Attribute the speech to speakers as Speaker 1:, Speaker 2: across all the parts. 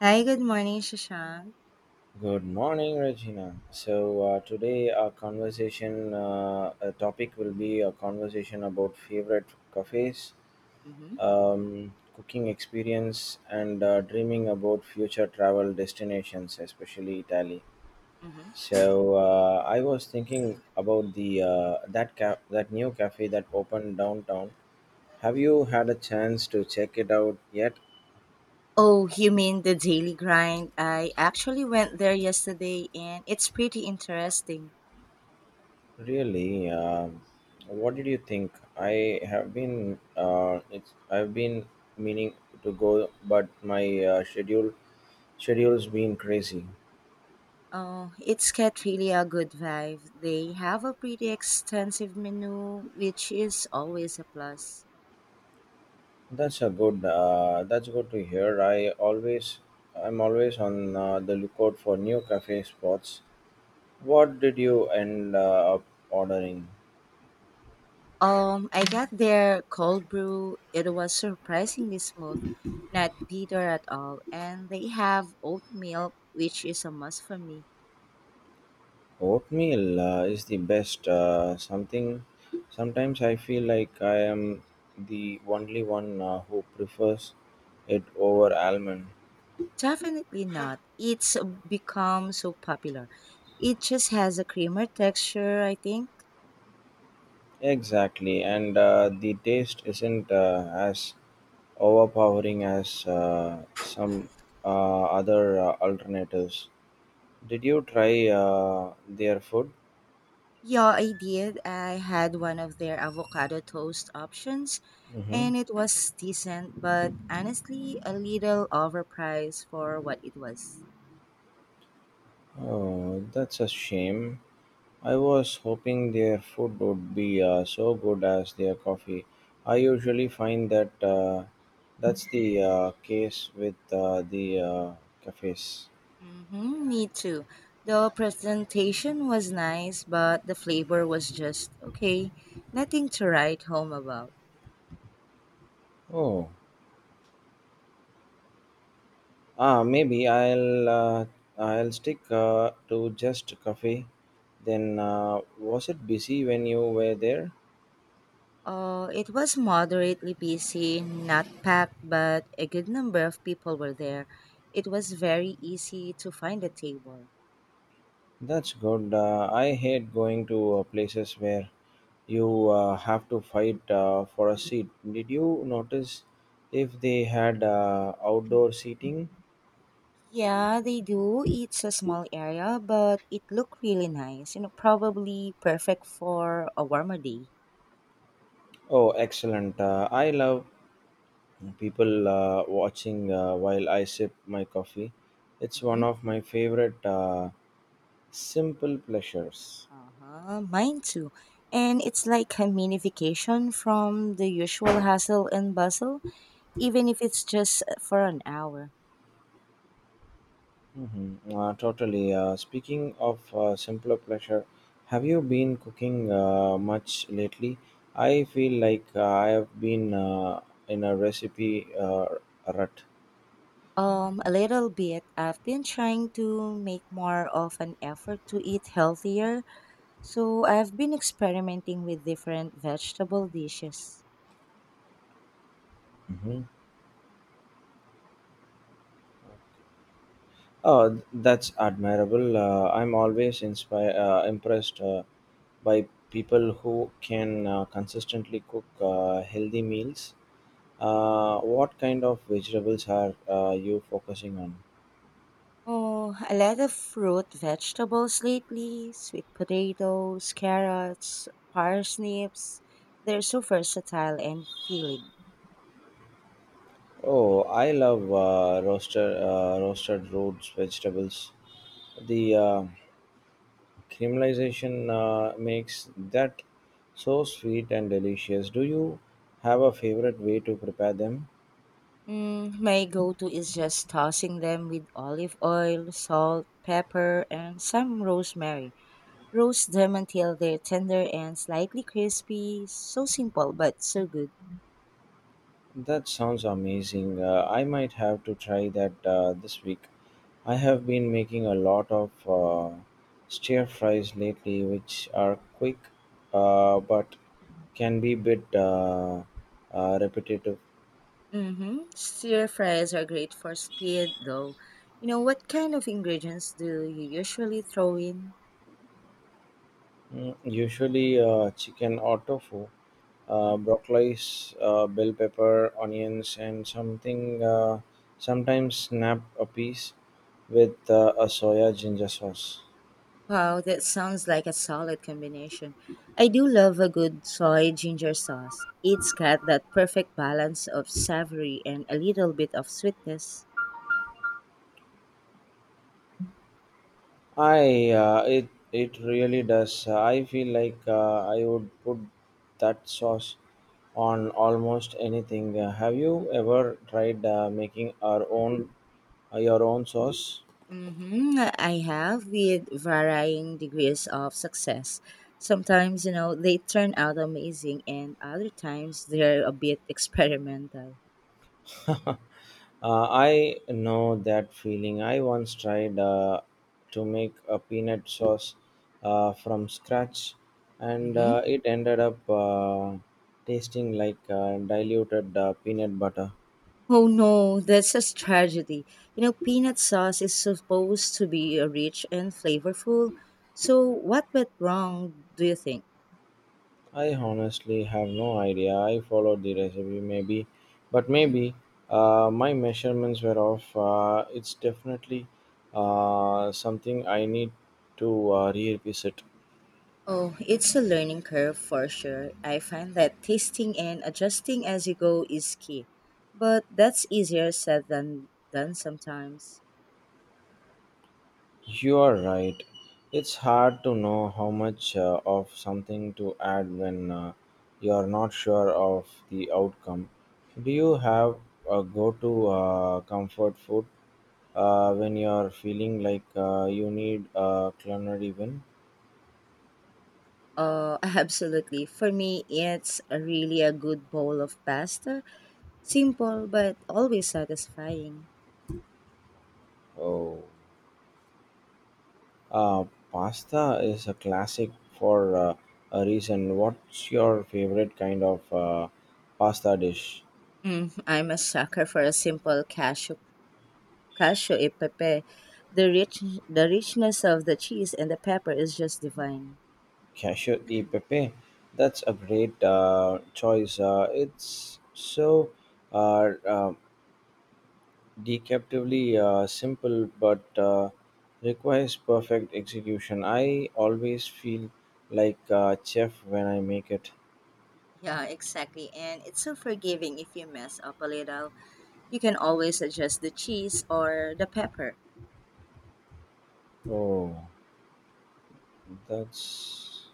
Speaker 1: Hi, good morning, Shashank.
Speaker 2: Good morning, Regina. So today our conversation a topic will be a conversation about favorite cafes,
Speaker 1: Mm-hmm.
Speaker 2: cooking experience, and dreaming about future travel destinations, especially Italy.
Speaker 1: Mm-hmm.
Speaker 2: So I was thinking about that new cafe that opened downtown. Have you had a chance to check it out yet?
Speaker 1: Oh, you mean the daily grind? I actually went there yesterday and it's pretty interesting.
Speaker 2: Really, what did you think? I've been meaning to go, but my schedule's been crazy.
Speaker 1: Oh, it's got really a good vibe. They have a pretty extensive menu, which is always a plus.
Speaker 2: That's a good. That's good to hear. I'm always on the lookout for new cafe spots. What did you end up ordering?
Speaker 1: I got their cold brew. It was surprisingly smooth, not bitter at all, and they have oat milk, which is a must for me.
Speaker 2: Oatmeal is the best. Something Sometimes I feel like I am the only one who prefers it over almond.
Speaker 1: Definitely not. It's become so popular. It just has a creamer texture, I think.
Speaker 2: Exactly, and the taste isn't as overpowering as some other alternatives. Did you try their food?
Speaker 1: Yeah, I did. I had one of their avocado toast options,
Speaker 2: hmm
Speaker 1: and it was decent, but honestly, a little overpriced for what it was.
Speaker 2: Oh, that's a shame. I was hoping their food would be so good as their coffee. I usually find that that's the case with the cafes.
Speaker 1: Mm-hmm, me too. The presentation was nice, but the flavor was just okay. Nothing to write home about.
Speaker 2: Oh, ah, maybe I'll stick to just coffee. Then was it busy when you were there?
Speaker 1: Oh, it was moderately busy, not packed, but a good number of people were there. It was very easy to find a table.
Speaker 2: That's good. I hate going to places where you have to fight for a seat. Did you notice if they had outdoor seating?
Speaker 1: Yeah, they do. It's a small area, but it looked really nice. You know, probably perfect for a warmer day.
Speaker 2: Oh, excellent. I love people watching while I sip my coffee. It's one
Speaker 1: Mm-hmm.
Speaker 2: of my favorite simple pleasures.
Speaker 1: Uh-huh, mine too. And it's like a mini vacation from the usual hustle and bustle, even if it's just for an hour.
Speaker 2: Mhm. Totally. Speaking of simpler pleasure, have you been cooking much lately? I feel like I have been in a recipe rut.
Speaker 1: A little bit. I've been trying to make more of an effort to eat healthier, so I've been experimenting with different vegetable dishes.
Speaker 2: hmm Oh, that's admirable. I'm always impressed by people who can consistently cook healthy meals. What kind of vegetables are you focusing on?
Speaker 1: Oh, a lot of fruit vegetables lately, sweet potatoes, carrots, parsnips. They're so versatile and filling.
Speaker 2: Oh, I love roasted roots vegetables. The caramelization makes that so sweet and delicious. Do you have a favorite way to prepare them?
Speaker 1: Mm, my go-to is just tossing them with olive oil, salt, pepper, and some rosemary. Roast them until they're tender and slightly crispy. So simple, but so good.
Speaker 2: That sounds amazing. I might have to try that this week. I have been making a lot of stir fries lately, which are quick but can be a bit repetitive.
Speaker 1: Mm-hmm. Stir fries are great for speed, though. You know, what kind of ingredients do you usually throw in?
Speaker 2: Usually, chicken or tofu, broccoli, bell pepper, onions, and something. Sometimes snap a piece with a soya ginger sauce.
Speaker 1: Wow, that sounds like a solid combination. I do love a good soy ginger sauce. It's got that perfect balance of savory and a little bit of sweetness.
Speaker 2: I it it really does. I feel like I would put that sauce on almost anything. Have you ever tried making our own your own sauce?
Speaker 1: Hmm, I have with varying degrees of success. Sometimes, you know, they turn out amazing, and other times they're a bit experimental.
Speaker 2: I know that feeling. I once tried to make a peanut sauce from scratch, and
Speaker 1: Hmm.
Speaker 2: it ended up tasting like diluted peanut butter.
Speaker 1: Oh no, that's a tragedy. You know, peanut sauce is supposed to be rich and flavorful. So, what went wrong, do you think?
Speaker 2: I honestly have no idea. I followed the recipe, maybe, but
Speaker 1: Mm-hmm.
Speaker 2: Maybe my measurements were off. It's definitely something I need to revisit.
Speaker 1: Oh, it's a learning curve for sure. I find that tasting and adjusting as you go is key. But that's easier said than done sometimes.
Speaker 2: You are right. It's hard to know how much of something to add when you are not sure of the outcome. Do you have a go to comfort food when you are feeling like you need a culinary win?
Speaker 1: Absolutely. For me, it's a really a good bowl of pasta. Simple, but always satisfying.
Speaker 2: Oh. Uh, Pasta is a classic for a reason. What's your favorite kind of pasta dish?
Speaker 1: Mm, I'm a sucker for a simple cashew e pepe. The richness of the cheese and the pepper is just divine.
Speaker 2: Yeah, sure, E Pepe. That's a great choice. It's so uh, uh, deceptively simple, but requires perfect execution. I always feel like a chef when I make it.
Speaker 1: Yeah, exactly. And it's so forgiving if you mess up a little. You can always adjust the cheese or the pepper.
Speaker 2: Oh, that's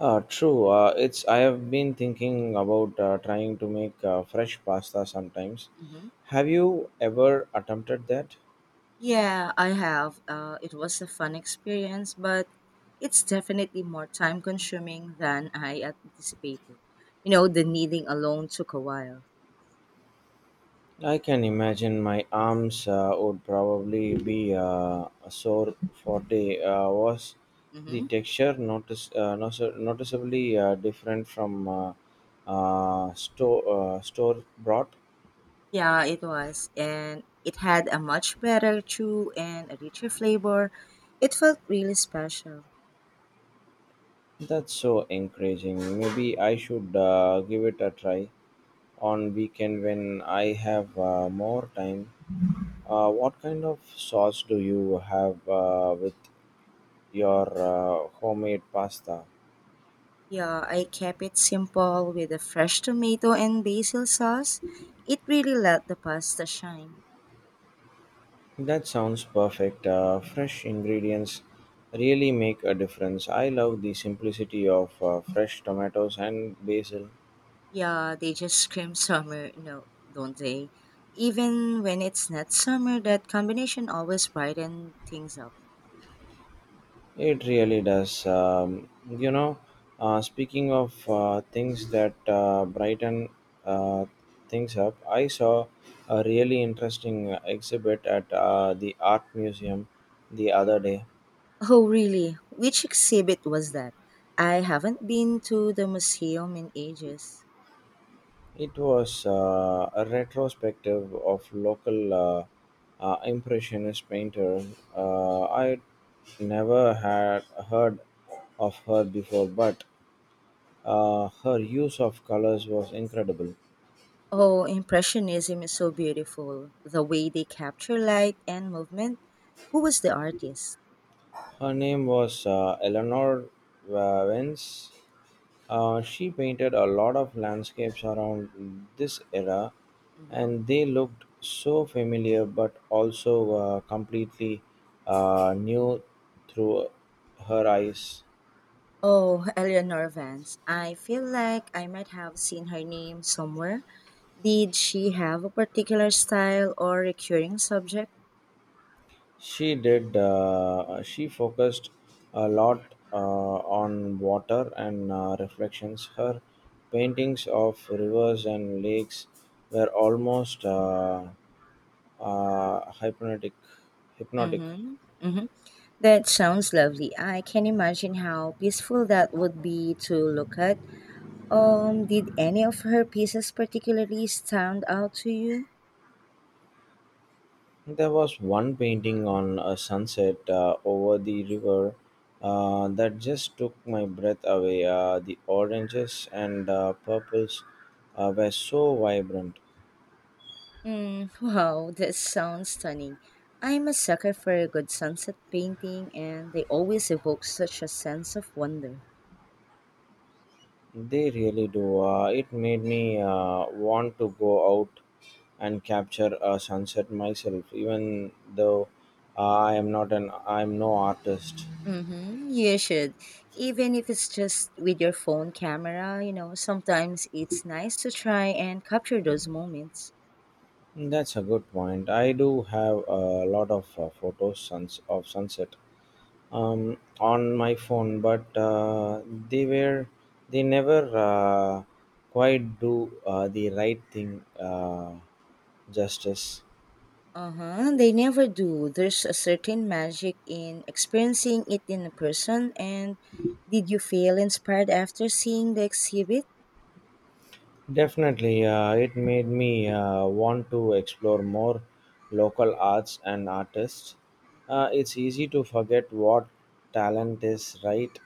Speaker 2: true. It's I have been thinking about trying to make fresh pasta sometimes.
Speaker 1: Hmm.
Speaker 2: Have you ever attempted that?
Speaker 1: Yeah, I have. It was a fun experience, but it's definitely more time consuming than I anticipated. You know, the kneading alone took a while.
Speaker 2: I can imagine my arms would probably be sore for day. Was the
Speaker 1: Hmm.
Speaker 2: texture noticeably different from store brought?
Speaker 1: Yeah, it was. And it had a much better chew and a richer flavor. It felt really special.
Speaker 2: That's so encouraging. Maybe I should give it a try on weekend when I have more time. What kind of sauce do you have with your homemade pasta?
Speaker 1: Yeah, I kept it simple with a fresh tomato and basil sauce. It really let the pasta shine.
Speaker 2: That sounds perfect. Fresh ingredients really make a difference. I love the simplicity of fresh tomatoes and basil.
Speaker 1: Yeah, they just scream summer, no, don't they? Even when it's not summer, that combination always brighten things up.
Speaker 2: It really does. You know, speaking of things that brighten uh, things up, I saw a really interesting exhibit at the art museum the other day.
Speaker 1: Oh, really? Which exhibit was that? I haven't been to the museum in ages.
Speaker 2: It was a retrospective of local impressionist painter. I never had heard of her before, but her use of colors was incredible.
Speaker 1: Oh, Impressionism is so beautiful. The way they capture light and movement. Who was the artist?
Speaker 2: Her name was Eleanor Vance. She painted a lot of landscapes around this era,
Speaker 1: Hmm.
Speaker 2: and they looked so familiar but also completely new through her eyes.
Speaker 1: Oh, Eleanor Vance. I feel like I might have seen her name somewhere. Did she have a particular style or recurring subject?
Speaker 2: She did. She focused a lot on water and reflections. Her paintings of rivers and lakes were almost hypnotic. Hypnotic.
Speaker 1: Mm-hmm. Mm-hmm. That sounds lovely. I can imagine how peaceful that would be to look at. Did any of her pieces particularly stand out to you?
Speaker 2: There was one painting on a sunset over the river that just took my breath away. The oranges and purples were so vibrant.
Speaker 1: Mm, wow, that sounds stunning. I'm a sucker for a good sunset painting, and they always evoke such a sense of wonder.
Speaker 2: They really do. It made me want to go out and capture a sunset myself, even though I am not an I'm no artist.
Speaker 1: Mm-hmm. You should. Even if it's just with your phone camera, you know, sometimes it's nice to try and capture those moments.
Speaker 2: That's a good point. I do have a lot of photos suns of sunset on my phone, but they were they never quite do the right thing justice.
Speaker 1: Uh huh. They never do. There's a certain magic in experiencing it in person. And did you feel inspired after seeing the exhibit?
Speaker 2: Definitely, it made me want to explore more local arts and artists. It's easy to forget what talent is right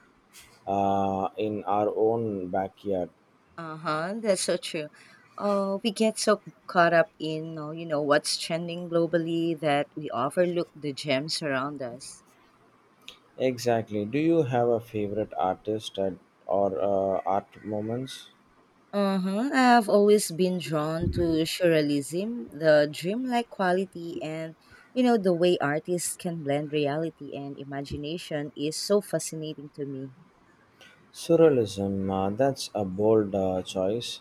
Speaker 2: in our own backyard.
Speaker 1: Uh huh. That's so true. Oh, we get so caught up in, you know, what's trending globally that we overlook the gems around us.
Speaker 2: Exactly. Do you have a favorite artist at, or art moments?
Speaker 1: Uh-huh. I've always been drawn to surrealism, the dreamlike quality and you know the way artists can blend reality and imagination is so fascinating to me.
Speaker 2: Surrealism, that's a bold choice,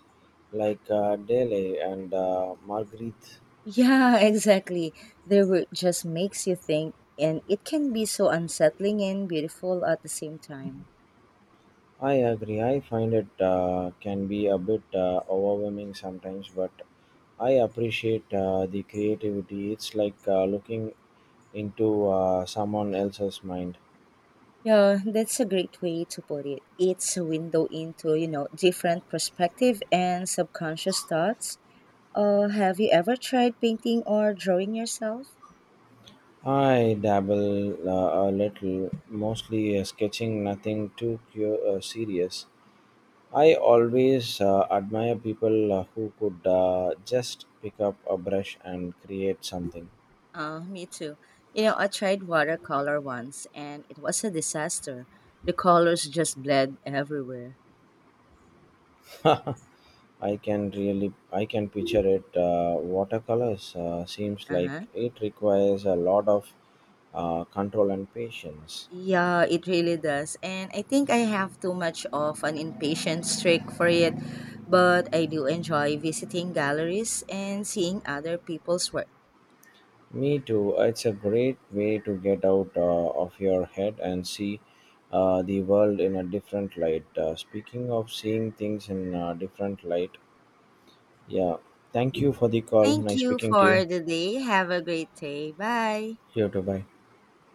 Speaker 2: like Dele and Marguerite.
Speaker 1: Yeah, exactly. Their work just makes you think and it can be so unsettling and beautiful at the same time.
Speaker 2: I agree, I find it can be a bit overwhelming sometimes, but I appreciate the creativity. It's like looking into someone else's mind.
Speaker 1: Yeah, that's a great way to put it. It's a window into, you know, different perspective and subconscious thoughts. Have you ever tried painting or drawing yourself?
Speaker 2: I dabble a little, mostly sketching, nothing too serious. I always admire people who could just pick up a brush and create something.
Speaker 1: Me too. You know, I tried watercolor once and it was a disaster. The colors just bled everywhere.
Speaker 2: I can picture it. Watercolors seems
Speaker 1: Uh
Speaker 2: like
Speaker 1: huh.
Speaker 2: it requires a lot of control and patience.
Speaker 1: Yeah, it really does. And I think I have too much of an impatient streak for it, but I do enjoy visiting galleries and seeing other people's work.
Speaker 2: Me too. It's a great way to get out of your head and see the world in a different light. Speaking of seeing things in a different light, yeah. Thank you for the call.
Speaker 1: Thank
Speaker 2: Nice
Speaker 1: you
Speaker 2: speaking to
Speaker 1: for
Speaker 2: you.
Speaker 1: the day. Have a great day. Bye.
Speaker 2: 有的拜。